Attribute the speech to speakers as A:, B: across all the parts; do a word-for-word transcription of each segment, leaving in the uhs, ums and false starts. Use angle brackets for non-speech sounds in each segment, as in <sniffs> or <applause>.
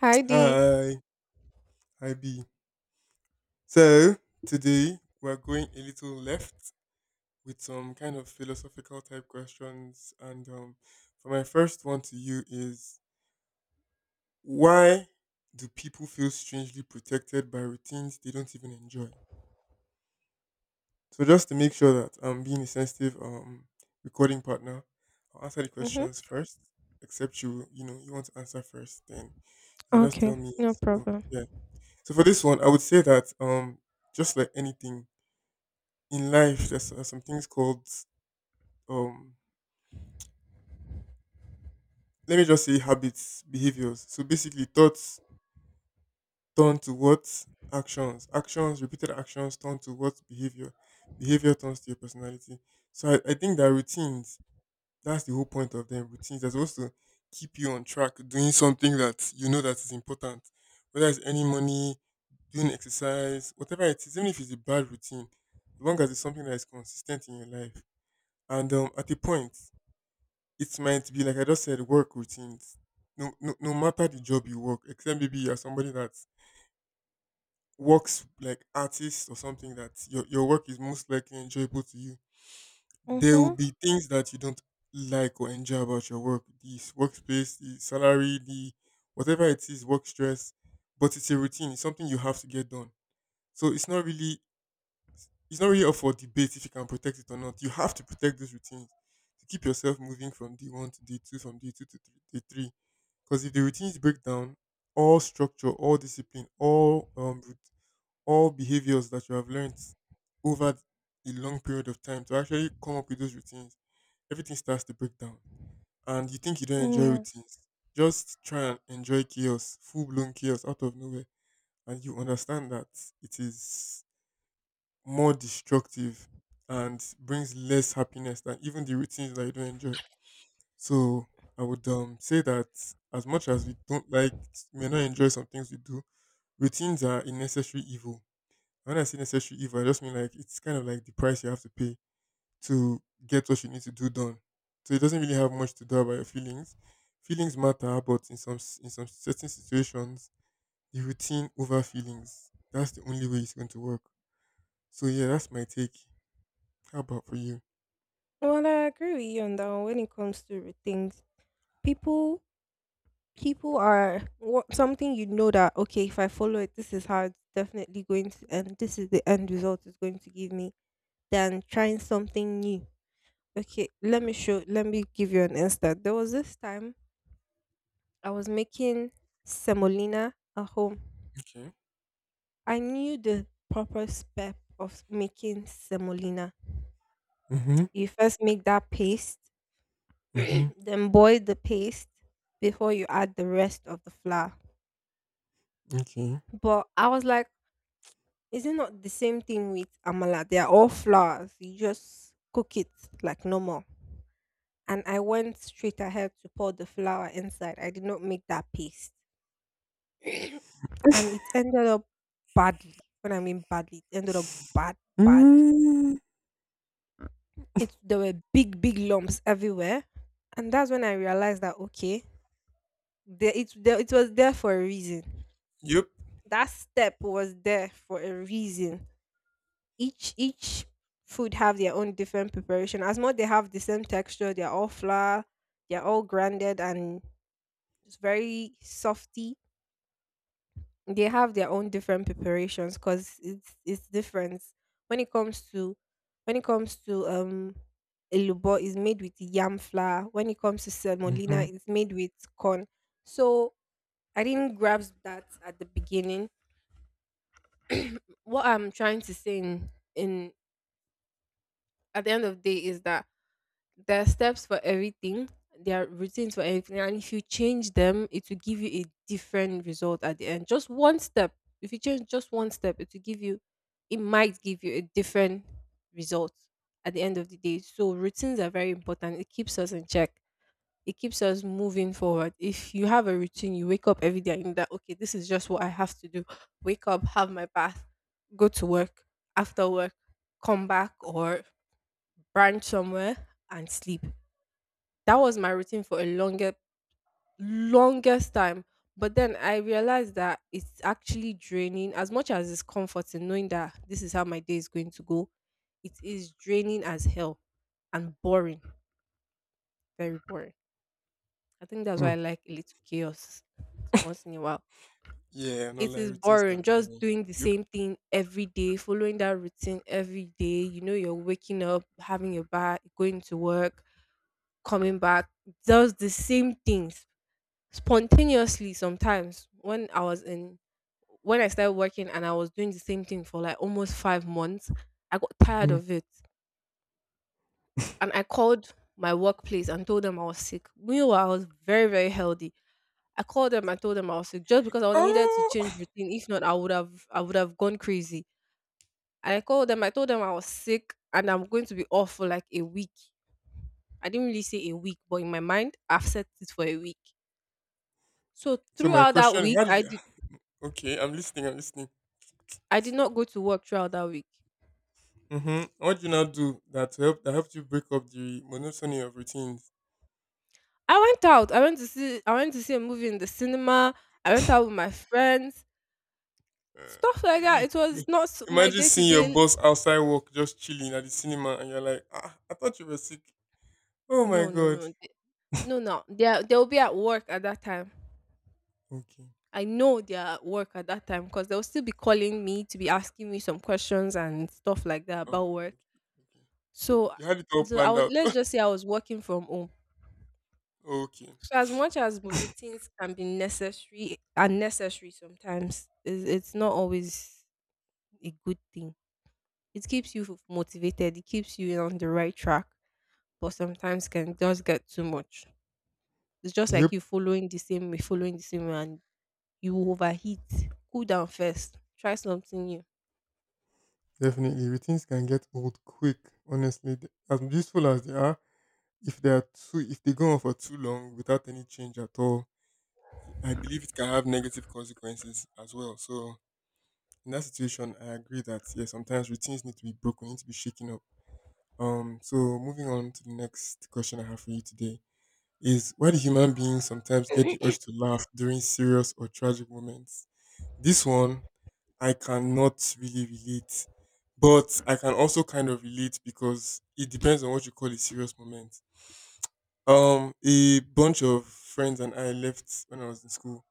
A: Hi Dee.
B: Hi, hi B. So today we're going a little left with some kind of philosophical type questions. And um, For my first one to you is why do people feel strangely protected by routines they don't even enjoy? So just to make sure that I'm being a sensitive um recording partner, I'll answer the
A: Mm-hmm.
B: questions first. Except you, you know, you want to answer first, then then just tell
A: Okay,
B: me.
A: no
B: So
A: problem.
B: yeah. So for this one, I would say that um just like anything in life there's uh, some things called um let me just say habits behaviors, so basically thoughts turn to what actions, actions repeated actions turn to what behavior, behavior turns to your personality. So i, I think that routines, that's the whole point of them. Routines are supposed to keep you on track doing something that you know that is important, whether it's any money, doing exercise, whatever it is, even if it's a bad routine, as long as it's something that is consistent in your life. And um, At a point it might be like I just said, work routines. No, no, no matter the job you work, except maybe you're somebody that works like artist or something, that your, your work is most likely enjoyable to you. There will
A: Mm-hmm.
B: be things that you don't like or enjoy about your work, the s- workspace, the salary, the whatever it is, work stress. But it's a routine, it's something you have to get done. So it's not really it's not really up for debate if you can protect it or not. You have to protect those routines to keep yourself moving from day one to day two, from day two to th- day three. Because if the routines break down, all structure, all discipline, all um, rut- all behaviors that you have learned over a long period of time to actually come up with those routines, everything starts to break down. And you think you don't
A: Mm,
B: enjoy
A: yeah.
B: routines, just try and enjoy chaos, full blown chaos out of nowhere, and you understand that it is more destructive and brings less happiness than even the routines that you don't enjoy. So I would um, say that as much as we don't like, may not enjoy some things we do, routines are a necessary evil. When I say necessary evil, I just mean like it's kind of like the price you have to pay to get what you need to do done. So it doesn't really have much to do about your feelings. Feelings matter, but in some s- in some certain situations, the routine over feelings. That's the only way it's going to work. So yeah, that's my take. How about for you?
A: Well, I agree with you on that one when it comes to re- things. People, people are what something you know that okay, if I follow it, this is how it's definitely going to, and this is the end result it's going to give me. Than trying something new. Okay, let me show let me give you an instant. There was this time I was making semolina at home.
B: Okay.
A: I knew the proper step of making semolina.
B: Mhm.
A: You first make that paste, <clears throat>
B: Mhm.
A: then boil the paste before you add the rest of the flour.
B: Okay.
A: But I was like, is it not the same thing with amala? They are all flours. You just cook it like normal. And I went straight ahead to pour the flour inside. I did not make that paste. <clears throat> And it ended up badly. When I mean badly, it ended up bad, badly.
B: Mm.
A: It There were big, big lumps everywhere, and that's when I realized that okay, there it there, it was there for a reason.
B: Yep.
A: That step was there for a reason. Each each food have their own different preparation. As much they have the same texture, they're all flour, they're all grounded and it's very softy. They have their own different preparations because it's it's different when it comes to, when it comes to um elubo is made with yam flour. When it comes to semolina,
B: Mhm.
A: it's made with corn. So I didn't grasp that at the beginning. <clears throat> What I'm trying to say in, in at the end of the day is that there are steps for everything, there are routines for everything, and if you change them it will give you a different result at the end. Just one step if you change just one step, it will give you it might give you a different result at the end of the day. So routines are very important. It keeps us in check, it keeps us moving forward. If you have a routine, you wake up every day and you know that okay, this is just what I have to do. Wake up, have my bath, go to work, after work come back or branch somewhere and sleep. That was my routine for a longer longest time. But then I realized that it's actually draining as much as it's comforting, knowing that this is how my day is going to go. It is draining as hell and boring, very boring. I think that's why
B: Mm.
A: I like a little chaos once in a while.
B: Yeah, no
A: It
B: lie,
A: is
B: routines can
A: boring,
B: be
A: just
B: boring.
A: doing the
B: Yep.
A: same thing every day, following that routine every day. You know, you're waking up, having your bath, going to work, coming back, does the same things spontaneously. Sometimes when I was in when I started working and I was doing the same thing for like almost five months, I got tired
B: Mhm.
A: of it. And I called my workplace and told them I was sick. Meanwhile, I was very, very healthy. I called them and told them I was sick just because I needed to
B: Oh.
A: change routine. If not, I would have I would have gone crazy. And I called them, I told them I was sick and I'm going to be off for like a week. I didn't really say a week, but in my mind, I've set it for a week. So
B: So my
A: throughout that
B: question:
A: week,
B: how did
A: I
B: you?
A: did
B: Okay, I'm listening. I'm listening.
A: I did not go to work throughout that week.
B: Mm-hmm. What do you now do that help that helped you break up the monotony of routines?
A: I went out. I went to see I went to see a movie in the cinema. I went out with my friends. Stuff like that. It
B: Uh, <laughs>
A: was not s- my
B: imagine
A: day to
B: seeing your
A: day.
B: boss outside work, just chilling at the cinema, and you're like, ah, I thought you were sick. Oh my
A: No, no,
B: god.
A: no. th- No, no. They they'll be at work at that time.
B: Okay.
A: I know they're at work at that time because they'll still be calling me to be asking me some questions and stuff like that
B: Oh,
A: about
B: oh,
A: work.
B: okay. Okay.
A: So,
B: You had it all
A: so I
B: planned
A: was,
B: out.
A: let's just say I was working from home.
B: Okay.
A: So as much as routines can be necessary, unnecessary sometimes, it's, it's not always a good thing. It keeps you f- motivated, it keeps you on the right track, but sometimes can just get too much. It's just like
B: Yep,
A: you following the same way, following the same way, and you will overheat. Cool down first. Try something new.
B: definitely. Routines can get old quick. Honestly, they- as useful as they are, if they are too, if they go on for too long without any change at all, I believe it can have negative consequences as well. So in that situation, I agree that yeah, sometimes routines need to be broken, need to be shaken up. Um, so moving on to the next question I have for you today is why do human beings sometimes get the urge to laugh during serious or tragic moments? This one I cannot really relate. But I can also kind of relate because it depends on what you call a serious moment. Um, a bunch of friends and I left when I was in school.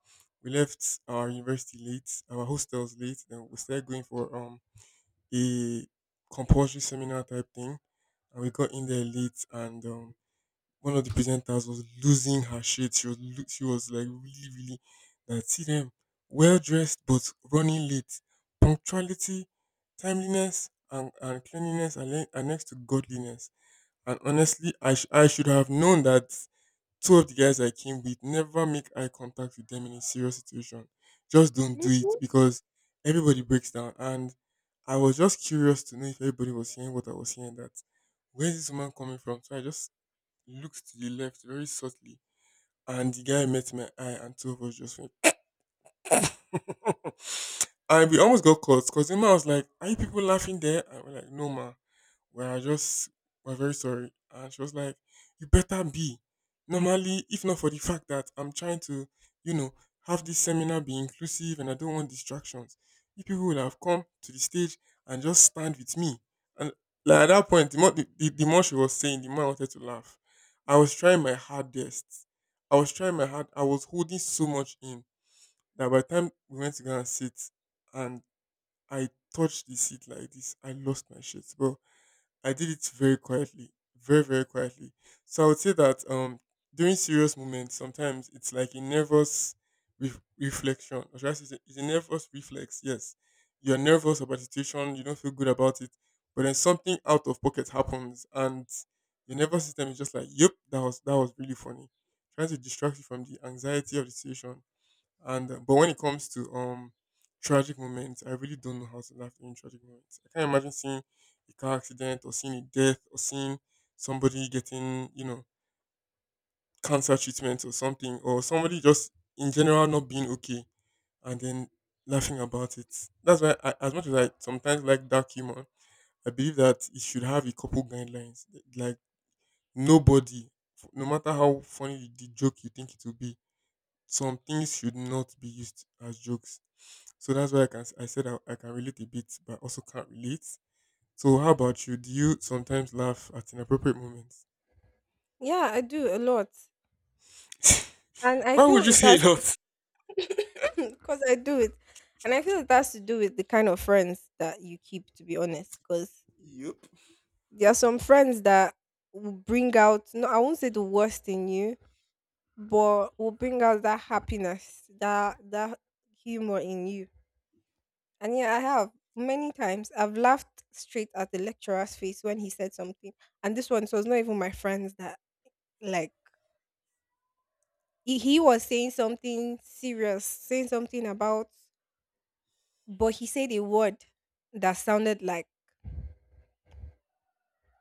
B: We left our university late, our hostels late, then we started going for um a compulsory seminar type thing. And we got in there late and um one of the presenters was losing her shit. She was lo- she was like really really that see them well dressed but running late. Punctuality, timeliness, and, and cleanliness are, le- are next to godliness. And honestly, I sh- I should have known that two of the guys I came with, never make eye contact with them in a serious situation. Just don't do it
A: Mhm.
B: because everybody breaks down. And I was just curious to know if everybody was hearing what I was hearing. That where's this woman coming from? So I just looked to the left very subtly, and the guy met my eye, and two of us just went. <laughs> And we almost got caught because Emma was like, "Are you people laughing there?" And we're like, "No, ma. We are just, we're very sorry." And she was like, "You better be. Normally, if not for the fact that I'm trying to, you know, have this seminar be inclusive and I don't want distractions, you people would have come to the stage and just stand with me." And like at that point, the more, the, the, the more she was saying, the more I wanted to laugh. I was trying my hardest. I was trying my hard. I was holding so much in that by the time we went to go and sit and I touched the seat like this, I lost my shit. But I did it very quietly. Very, very quietly. So I would say that um during serious moments, sometimes it's like a nervous ref reflection. Or should I say it's a nervous reflex, yes. You're nervous about the situation, you don't feel good about it, but then something out of pocket happens and your nervous system is just like, yep, that was that was really funny. Trying to distract you from the anxiety of the situation and uh, but when it comes to um tragic moments, I really don't know how to laugh during tragic moments. I can't imagine seeing a car accident or seeing a death or seeing somebody getting, you know, cancer treatment or something, or somebody just in general not being okay and then laughing about it. That's why I, as much as I sometimes like dark humor, I believe that it should have a couple guidelines. Like nobody, f- no matter how funny the joke you think it will be, some things should not be used as jokes. So that's why I can s- I said I, I can relate a bit, but also can't relate. So how about you? Do you sometimes laugh at inappropriate moments?
A: Yeah, I do a lot. And
B: <laughs>
A: I
B: Why
A: feel
B: would you
A: it
B: say a
A: has to,
B: lot?
A: <coughs> because I do it. And I feel it has to do with the kind of friends that you keep, to be honest. Because
B: Yep.
A: there are some friends that will bring out, no, I won't say the worst in you, but will bring out that happiness, that that humor in you. And yeah, I have many times I've laughed straight at the lecturer's face when he said something. And this one, so it's not even my friends that like. He, he was saying something serious, saying something about, but he said a word that sounded like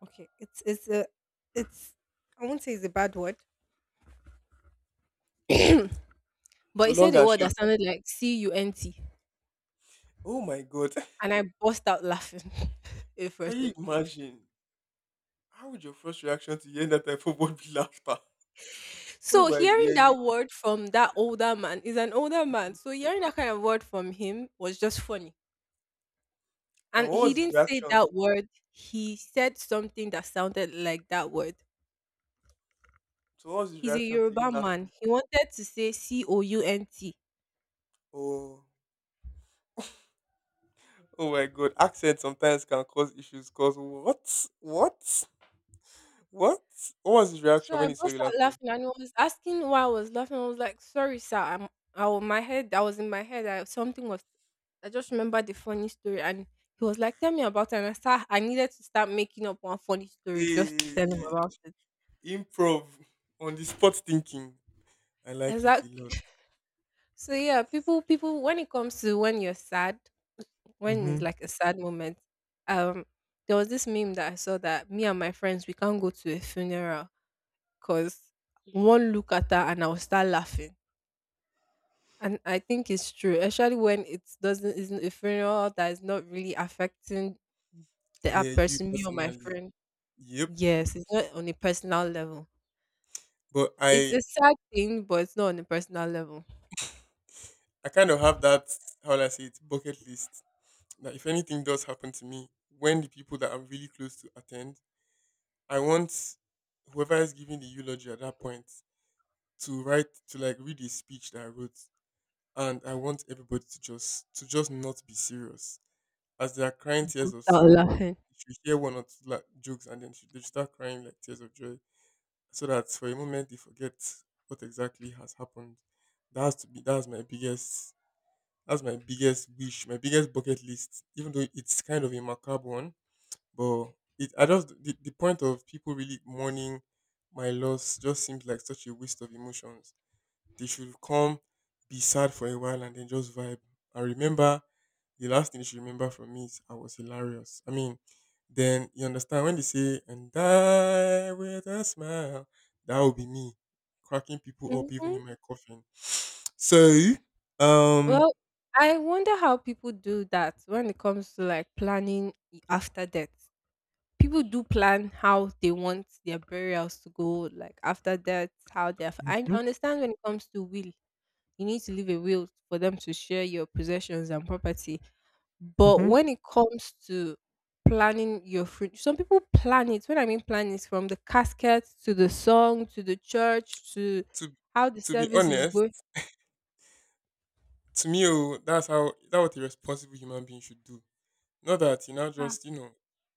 A: okay, it's it's a it's I won't say it's a bad word, <clears throat> but
B: So
A: he said
B: long
A: a
B: and
A: word
B: short.
A: that sounded like C U N T,
B: Oh my god. <laughs>
A: and I burst out laughing <laughs> in
B: Can
A: front of
B: you
A: him.
B: imagine? How would your first reaction to hearing that type of word be laughter? Oh
A: So
B: my God! Yeah,
A: hearing
B: you
A: that word from that older man, is an older man. So hearing that kind of word from him was just funny.
B: and
A: And
B: what
A: he
B: was his
A: didn't say
B: reaction?
A: that word. He said something that sounded like that word.
B: So what was his
A: He's a
B: reaction to you
A: Yoruba man.
B: laughing?
A: He wanted to say C O U N T.
B: Oh, oh my god. Accent sometimes can cause issues cause what? What? What? What was his
A: So
B: reaction when
A: I
B: he saw
A: burst
B: you
A: out
B: laughing?
A: laughing and he was asking why I was laughing. I was like, sorry, sir. I'm I, wa- my head, I was in my head. I, something was, I just remember the funny story and he was like, tell me about it. And I start I needed to start making up one funny story just to tell him
B: Hey.
A: about it.
B: Improv, on the spot thinking. I like it a lot.
A: Exactly. So yeah, people people when it comes to when you're sad, when it's
B: Hmm.
A: like a sad moment, um, there was this meme that I saw that me and my friends we can't go to a funeral because one look at her and I'll start laughing. And I think it's true, especially when it doesn't isn't a funeral that is not really affecting
B: Yeah,
A: that
B: you
A: person, me or my
B: personally.
A: friend.
B: Yep.
A: Yes, it's not on a personal level.
B: But
A: It's
B: I
A: a sad thing, but it's not on a personal level.
B: I kind of have that, how will I say it, bucket list, that if anything does happen to me, when the people that I'm really close to attend, I want whoever is giving the eulogy at that point to write to like read a speech that I wrote, and I want everybody to just to just not be serious as they are crying
A: I'll
B: tears of
A: start
B: sorrow.
A: laughing.
B: If you hear one or two like, jokes and then she- they start crying like tears of joy so that for a moment they forget what exactly has happened. That has to be, that's my biggest that's my biggest wish, my biggest bucket list. Even though it's kind of a macabre one, but it I just the, the point of people really mourning my loss just seems like such a waste of emotions. They should come, be sad for a while, and then just vibe. I remember the last thing you should remember from me is I was hilarious. I mean, then you understand when they say and die with a smile, that would be me cracking people up even in my coffin. <sniffs> So, um,
A: Well, I wonder how people do that when it comes to like planning i- after death. People do plan how they want their burials to go, like after death, how they. Have, I
B: Mhm,
A: understand when it comes to will, you need to leave a will for them to share your possessions and property. But
B: mhm.
A: when it comes to planning your future, some people plan it. When I mean plan is from the casket to the song to the church to
B: to
A: how the
B: to be
A: service is
B: honest,
A: going.
B: to me, oh, that's how that's what a responsible human being should do. Not that you now
A: Ah,
B: just, you know,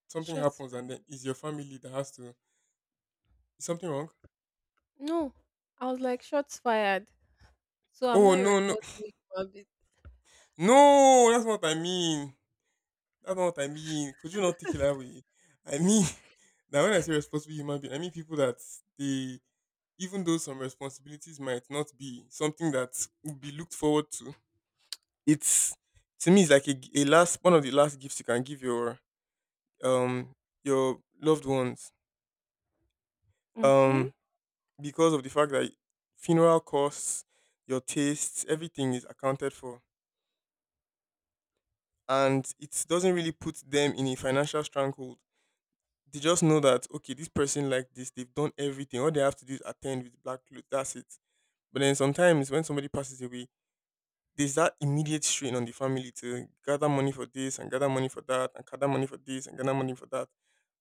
B: something
A: shots
B: happens and then
A: fired.
B: it's your family that has to is something wrong.
A: No, I was like shots fired. So I'm
B: Oh
A: not a
B: no, no,
A: responsible human being.
B: no! That's not what I mean. That's not what I mean. Could you not take it that way? I mean, <laughs> now when I say responsible human being, I mean people that they, even though some responsibilities might not be something that would be looked forward to, it's to me it's like a, g- a last one of the last gifts you can give your um your loved ones um
A: Okay.
B: because of the fact that funeral costs, your tastes, everything is accounted for. And it doesn't really put them in a financial stranglehold. They just know that okay, this person like this, they've done everything. All they have to do is attend with black clothes. That's it. But then sometimes when somebody passes away, there's that immediate strain on the family to gather money for this and gather money for that and gather money for this and gather money for that.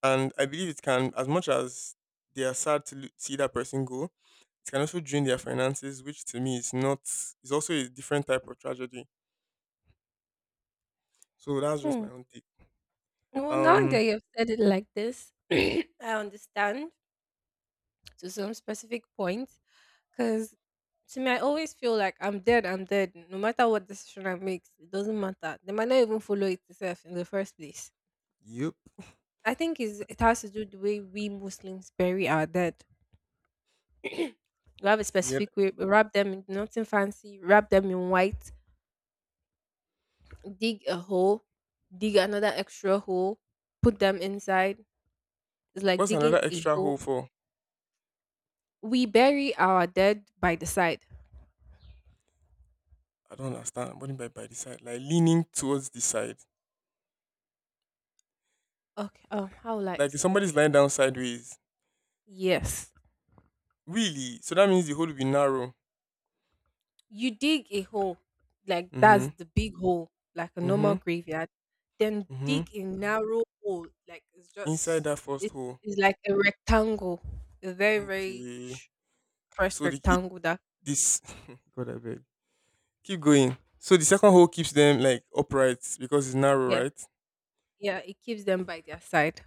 B: And I believe it can, as much as they are sad to lo- see that person go, it can also drain their finances, which to me is not. It's also a different type of tragedy. So that's just
A: Hmm.
B: my own take.
A: Well, now
B: Um,
A: that you've said it like this, <clears throat> I understand to some specific point. Because to me, I always feel like I'm dead. I'm dead. No matter what decision I make, it doesn't matter. They might not even follow it itself in the first place.
B: Yep.
A: I think is it has to do the way we Muslims bury our dead. We have a
B: Yeah.
A: specific way. We wrap them in nothing fancy. Wrap them in white, dig a hole, dig another extra hole, put them inside. It's like
B: What's another
A: digging a
B: extra
A: hole.
B: hole for?
A: We bury our dead by the side.
B: I don't understand. What do you mean by by the side? Like leaning towards the side.
A: Okay. Um, how will I
B: Like if
A: explain
B: somebody's
A: that?
B: lying down sideways.
A: Yes.
B: Really? So that means the hole will be narrow.
A: You dig a hole, like
B: Mm-hmm.
A: that's the big hole, like a
B: Mm-hmm.
A: normal graveyard. Then
B: Mm-hmm.
A: dig a narrow hole, like it's
B: Inside
A: just
B: that first
A: it,
B: hole.
A: it's like a rectangle, a very very
B: Okay.
A: sh- first
B: So the it,
A: rectangle. That
B: this <laughs> God I beg. Keep going. So the second hole keeps them like upright because it's narrow,
A: yeah,
B: right?
A: yeah, it keeps them by their side.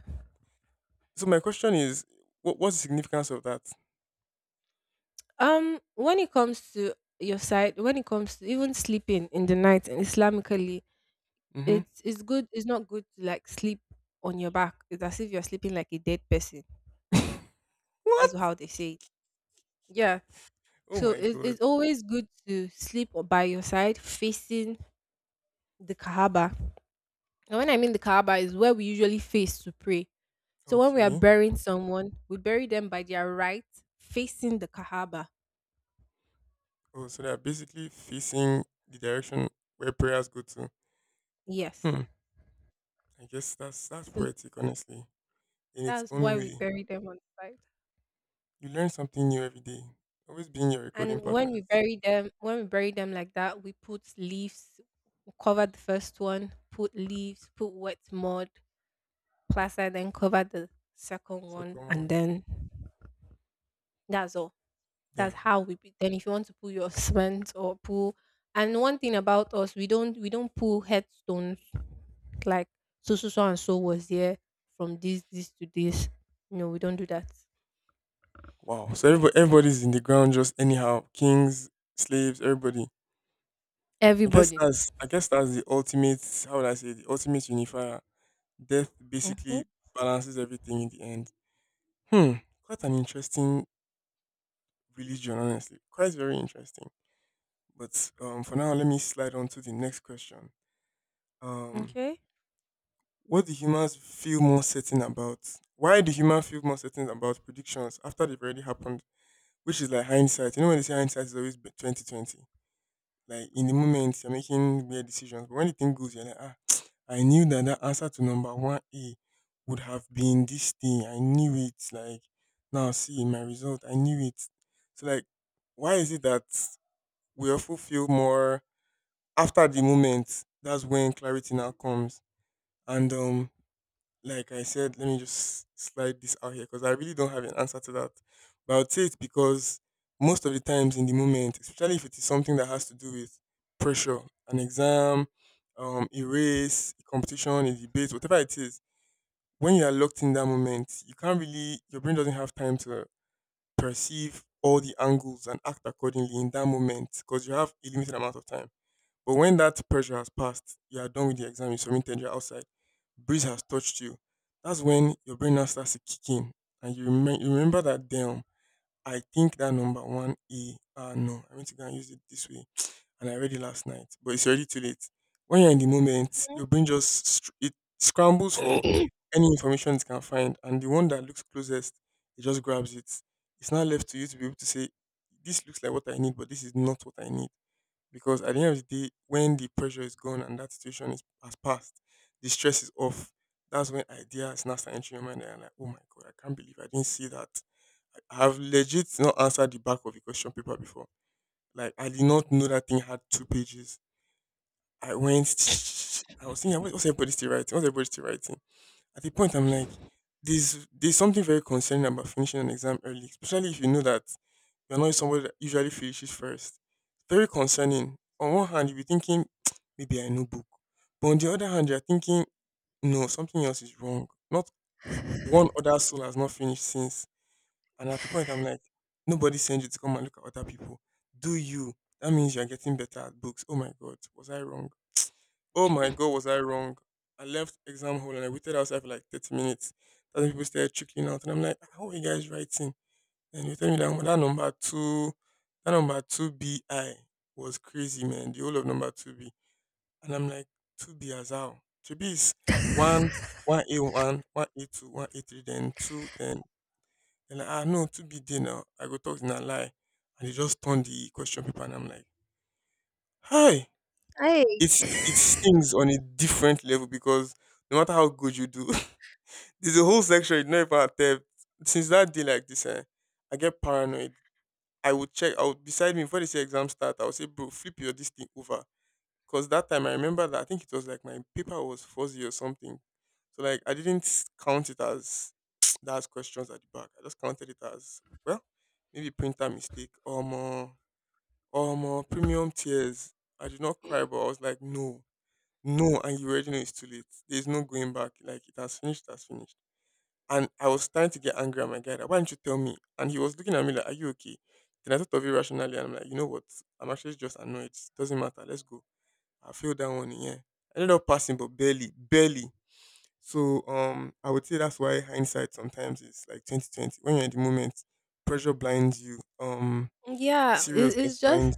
B: So my question is, what what's the significance of that?
A: Um, when it comes to your side, when it comes to even sleeping in the night and Islamically,
B: Mm-hmm.
A: it's it's good. It's not good to like sleep on your back. It's as if you're sleeping like a dead person.
B: <laughs>
A: That's
B: What?
A: how they say. It. Yeah.
B: Oh
A: So
B: my
A: it's
B: god.
A: it's always good to sleep o- by your side, facing the Kaaba. And when I mean the Kaaba is where we usually face to pray. So when we are
B: Okay.
A: burying someone, we bury them by their right, facing the Kaaba.
B: Oh, so they're basically facing the direction where prayers go to.
A: Yes.
B: Hmm. I guess that's that's
A: So
B: poetic, honestly, in its
A: that's
B: own
A: why we
B: way.
A: bury them on the side.
B: You learn something new every day. Always being your recording
A: And when we
B: partners.
A: bury them, when we bury them like that, we put leaves, we cover the first one, put leaves, put wet mud, plaster, then cover the second
B: So
A: one,
B: come
A: and
B: on,
A: then that's all. That's
B: damn.
A: how we. be- Then, if you want to pull your <laughs> cement or pull, and one thing about us, we don't we don't pull headstones like so so so and so was here from this this to this. No, we don't do that.
B: Wow. So everybody, everybody's in the ground, just anyhow. Kings, slaves, everybody. I guess
A: Everybody.
B: that's I guess that's the ultimate. How would I say the ultimate unifier? Death
A: Mm-hmm.
B: basically balances everything in the end. Hmm. Quite an interesting religion, honestly. Quite very interesting. But um, for now, let me slide on to the next question. Um,
A: Okay.
B: what do humans feel more certain about? Why do humans feel more certain about predictions after they've already happened? Which is like hindsight. You know when they say hindsight is always twenty twenty. Like in the moment you're making weird decisions, but when the thing goes, you're like, ah, <tsk> I knew that that answer to number one A would have been this thing. I knew it. Like now, see my result. I knew it. So like, why is it that we often feel more after the moment, that's when clarity now comes. And um, like I said, let me just slide this out here because I really don't have an answer to that. But I would say it's because most of the times in the moment, especially if it is something that has to do with pressure, an exam, um, a race, a competition, a debate, whatever it is, when you are locked in that moment, you can't really, your brain doesn't have time to perceive all the angles and act accordingly in that moment because you have a limited amount of time. But when that pressure has passed, you are done with the exam, you submitted, you're outside, breeze has touched you. That's when your brain now starts to kick in. And you, remem- you remember that, damn, I think that number one E, ah, no, I went to go and use it this way. And I read it last night, but it's already too late. When you're in the moment, your brain just str- it scrambles for
A: Mm-hmm.
B: any information it can find. And the one that looks closest, it just grabs it. It's now left to you to be able to say, this looks like what I need, but this is not what I need because at the end of the day, when the pressure is gone and that situation is has passed, the stress is off. That's when ideas now start entering your mind, and you're like, oh my god, I can't believe I didn't see that. I have legit not answered the back of a question paper before. Like I did not know that thing had two pages. I went. <tsk> I was thinking, what's everybody still writing? What's everybody still writing? At the point, I'm like, there's there's something very concerning about finishing an exam early, especially if you know that you're not somebody that usually finishes first. Very concerning. On one hand, you'll be thinking, <tsk> maybe I know book. But on the other hand, you're thinking, no, something else is wrong. Not one other soul has not finished since. And at the point, I'm like, nobody sent you to come and look at other people. Do you? That means you're getting better at books. Oh my God, was I wrong? Oh my god, was I wrong? I left exam hall and I waited outside for like thirty minutes. Then people started trickling out, and I'm like, how are you guys writing? And you tell me that, "Oh, that number two, that number two B I was crazy, man. The whole of number two B." And I'm like, two B as how? Two B is one, one A one, one A two, one A three, then two, then and I know two B D now. I go talk in a lie, and they just turn the question paper, and I'm like, hi
A: <coughs> Hey.
B: it's it stings on a different level because no matter how good you do, <laughs> there's a whole section you know about theft. Since that day, like this, eh, I get paranoid. I would check. I would beside me before they say exam start. I would say, bro, flip your this thing over. Cause that time I remember that I think it was like my paper was fuzzy or something. So like I didn't s- count it as <sniffs> <tsk> that's questions at the back. I just counted it as well, maybe printer mistake or more or more premium tiers. I did not cry, but I was like, no no, and you already know it's too late. There's no going back. Like it has finished, it has finished. And I was starting to get angry at my guy. Like, why didn't you tell me? And he was looking at me like, are you okay? Then I thought of it rationally and I'm like, you know what? I'm actually just annoyed. Doesn't matter. Let's go. I failed that one, yeah. I ended up passing, but barely, barely. So um I would say that's why hindsight sometimes is like twenty twenty. When you're in the moment, pressure blinds you, um
A: Yeah, it,
B: seriousness
A: it's just
B: blinds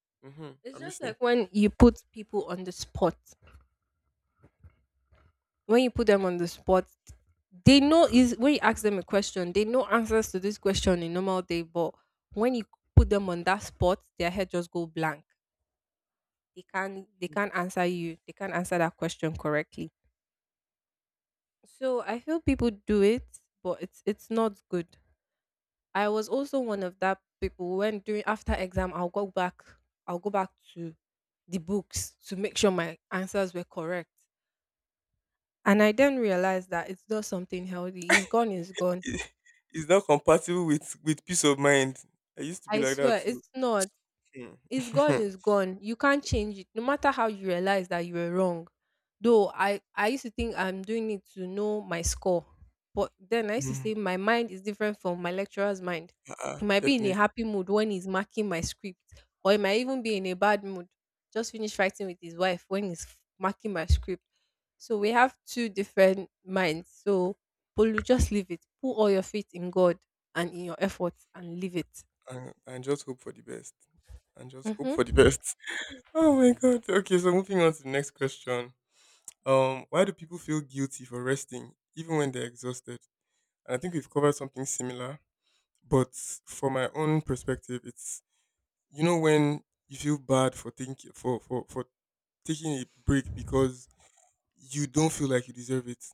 B: you. Hmm,
A: it's
B: I'm
A: just
B: listening.
A: like when you put people on the spot. When you put them on the spot, they know is when you ask them a question, they know answers to this question in normal day, but when you put them on that spot, their head just go blank. They can't they can't answer you. They can't answer that question correctly. So I feel people do it, but it's it's not good. I was also one of that people when during after exam I'll go back I'll go back to the books to make sure my answers were correct. And I then realized that it's not something healthy. It's gone, it's
B: <laughs>
A: gone.
B: it, it's not compatible with with peace of mind. I used to be
A: I
B: like that
A: swear,
B: too.
A: it's not. It's gone,
B: Hmm.
A: it's
B: <laughs>
A: gone. You can't change it. No matter how you realize that you were wrong. Though I, I used to think I'm doing it to know my score. But then I used to
B: Mm,
A: say my mind is different from my lecturer's mind.
B: uh-uh,
A: He might be in a
B: definitely.
A: happy mood when he's marking my script, or he might even be in a bad mood. Just finished fighting with his wife when he's f- marking my script. So we have two different minds. So Polu, just leave it. Put all your faith in God and in your efforts and leave it.
B: And, and just hope for the best. And just hope for the
A: Mm-hmm.
B: best. <laughs> Oh my god. Okay, so moving on to the next question. Um, why do people feel guilty for resting even when they're exhausted? And I think we've covered something similar, but for my own perspective, it's you know when you feel bad for thinking for for for taking a break because you don't feel like you deserve it.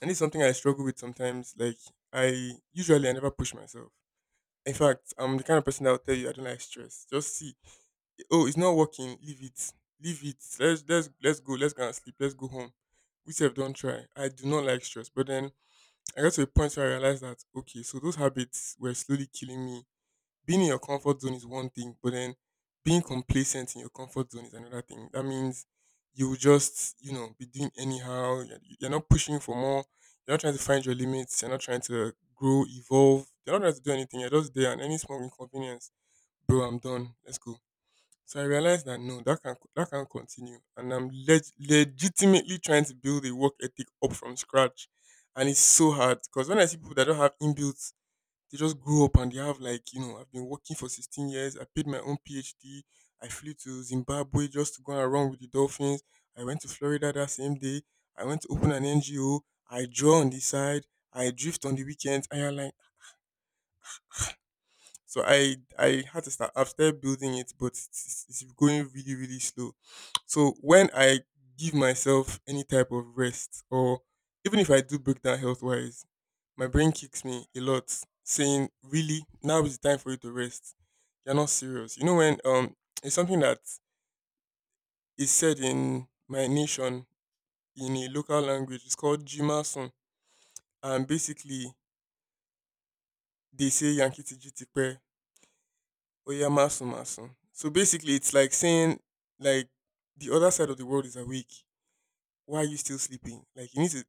B: And it's something I struggle with sometimes. Like I usually I never push myself. In fact, I'm the kind of person that will tell you I don't like stress. Just see, oh, it's not working. Leave it. Leave it. Let's let's let's go. Let's go and sleep. Let's go home. We have don't try. I do not like stress. But then I got to a point where I realized that okay, so those habits were slowly killing me, being in your comfort zone is one thing, but then being complacent in your comfort zone is another thing. That means you will just, you know, be doing anyhow. You're you're not pushing for more. You're not trying to find your limits. You're not trying to grow, evolve. You're not trying to do anything. You're just there, and any small inconvenience, bro, I'm done. Let's go. So I realized that no, that can that can continue, and I'm leg- legitimately trying to build a work ethic up from scratch, and it's so hard because when I see people that don't have inbuilt, they just grew up and they have like, you know, I've been working for sixteen years. I paid my own P H D. I flew to Zimbabwe just to go and run with the dolphins. I went to Florida that same day. I went to open an N G O. I draw on the side. I drift on the weekends. And you're like, so I I had to start. I've started building it, but it's, it's going really really slow. So when I give myself any type of rest, or even if I do break down health wise, my brain kicks me a lot, saying, "Really, now is the time for you to rest. You're not serious." You know when um It's something that is said in my nation in a local language. It's called Jimasun, and basically they say Yankee Tijitipe Oyamasu masu. So basically, it's like saying like the other side of the world is awake. Why are you still sleeping? Like you need to.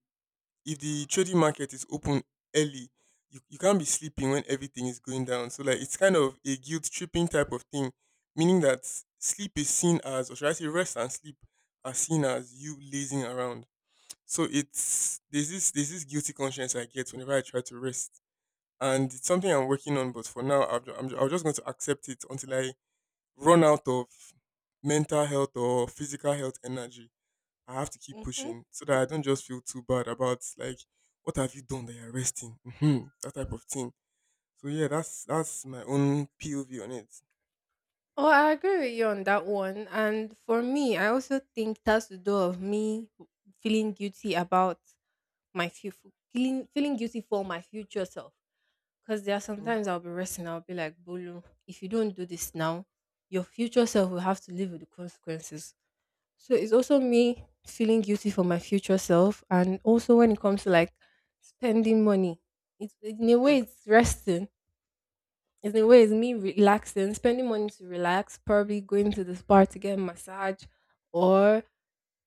B: If the trading market is open early, you, you can't be sleeping when everything is going down. So like it's kind of a guilt tripping type of thing, meaning that sleep is seen as, or should I say, rest and sleep are seen as you lazing around. So it's there's this there's this guilty conscience I get whenever I try to rest, and it's something I'm working on. But for now, I've, ju- I'm, ju- I'm just going to accept it until I run out of mental health or physical health energy. I have to keep
A: Mm-hmm.
B: pushing so that I don't just feel too bad about like what have you done that you're resting, hmm, that type of thing. So yeah, that's that's my own P O V on it.
A: Oh, I agree with you on that one. And for me, I also think that's the door of me feeling guilty about my future, feeling, feeling guilty for my future self. Because there are
B: Mhm.
A: sometimes I'll be resting, I'll be like, Bolu, if you don't do this now, your future self will have to live with the consequences. So it's also me feeling guilty for my future self. And also when it comes to like spending money, it's in a way, it's resting it's in a way, it's me relaxing, spending money to relax, probably going to the spa to get a massage or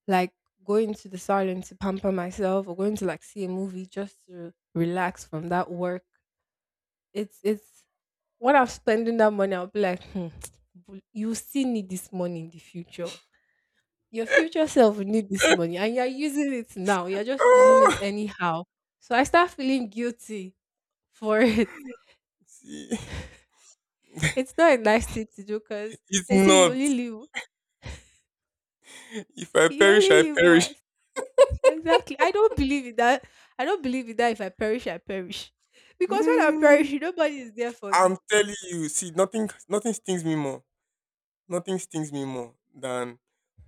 A: like going to the salon to pamper myself or going to like see a movie just to relax from that work. It's it's when I'm spending that money, I'll be like, hmm, bu- you still need this money in the future. Your future self will need this money and you're using it now. You're just using it
B: Ah,
A: anyhow. So I start feeling guilty for <laughs> it.
B: see,
A: It's
B: <laughs>
A: not a nice thing to do because
B: it's
A: they say you
B: not.
A: only live
B: If I
A: You
B: perish,
A: only
B: I
A: live
B: perish.
A: once. Exactly. I don't believe in that. I don't believe in that if I perish, I perish. Because when I
B: Mm,
A: perish, nobody is there for
B: I'm
A: me.
B: telling you. See, nothing nothing stings me more nothing stings me more than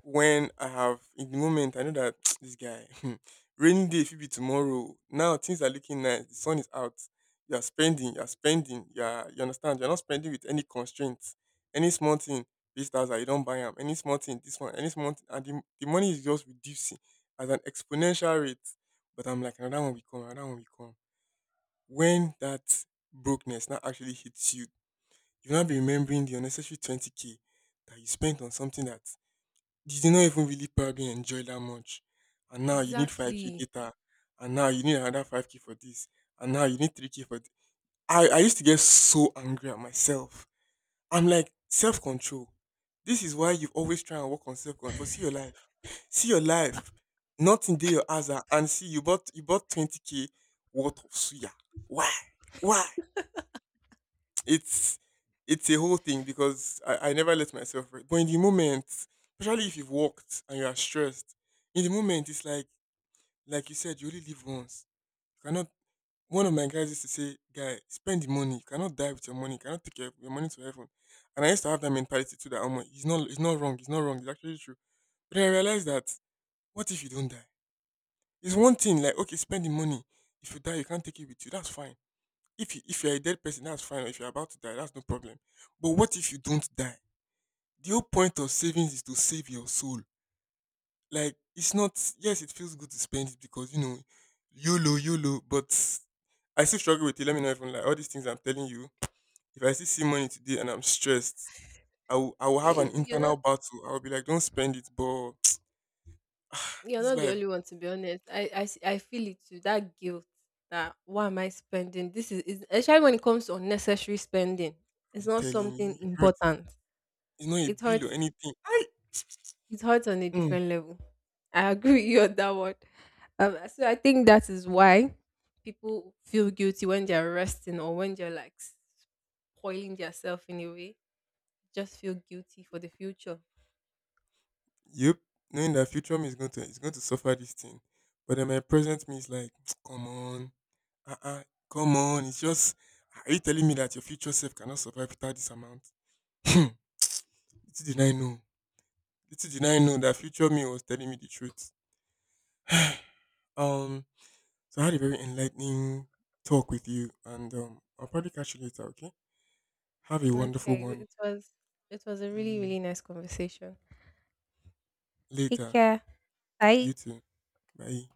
B: when I have in the moment I know that <tsk> this guy <laughs> rainy day if it be tomorrow. Now things are looking nice, the sun is out, you are spending, you are spending, you are, you understand, you're not spending with any constraints. Any small thing, this thousand you don't buy them. Any small thing, this one, any small thing, and the, the money is just reducing at an exponential rate. But I'm like another one will come, another one will come. When that brokenness now actually hits you, you'll not be remembering the unnecessary twenty k that you spent on something that you did not even really probably enjoy that much. And now you need five k
A: Exactly.
B: data. And now you need another five k for this. And now you need three k for th- I, I used to get so angry at myself. I'm like, self control. This is why you always try and work on self control. But see your life. See your life. Nothing there your answer. And see, you bought you bought twenty k worth of suya. Why? Why? It's it's a whole thing because I, I never let myself rest. But in the moment, especially if you've walked and you are stressed, in the moment it's like like you said, you only live once. You cannot one of my guys used to say, guy, spend the money. You cannot die with your money. You cannot take your, your money to heaven. And I used to have that mentality too that oh he's not he's not wrong, he's not wrong, it's actually true. But then I realized that what if you don't die? It's one thing, like okay, spend the money. If you die, you can't take it with you. That's fine. If you, if you're a dead person, that's fine. If you're about to die, that's no problem. But what if you don't die? The whole point of savings is to save your soul. Like it's not. Yes, it feels good to spend it because you know, YOLO, YOLO. But I still struggle with it. Let me know if I'm like all these things I'm telling you. If I still see money today and I'm stressed, I will I will
A: <clears throat>
B: have an
A: you're not
B: internal battle. I will be like, don't spend it. But <tsk>
A: you're
B: this
A: not the
B: life,
A: only one to be honest. I, I s- I feel it too. That guilt that why am I spending? This is, is especially when it comes to unnecessary spending. It's
B: I'm
A: not
B: telling
A: something
B: you, it hurts.
A: important.
B: It's not a
A: It
B: bill or
A: hurts.
B: anything. I.
A: It hurts on a different level. I <laughs> agree with you on that one. Um, so I think that is why people feel guilty when they're resting or when they're like spoiling themselves in a way. Just feel guilty for the future.
B: Yep, knowing that future me is going to is going to suffer this thing, but then my present me is like, <tsk> come on, uh uh come on. It's just, ah, are you telling me that your future self cannot survive without this amount? <clears throat> Little did I know, little did I know that future me was telling me the truth. Um, so I had a very enlightening talk with you, and um, I'll probably catch you later. Okay, have a wonderful
A: Okay,
B: one.
A: it was it was a really
B: Mm.
A: really nice conversation. Take
B: Later,
A: care.
B: you
A: Bye.
B: too. Bye.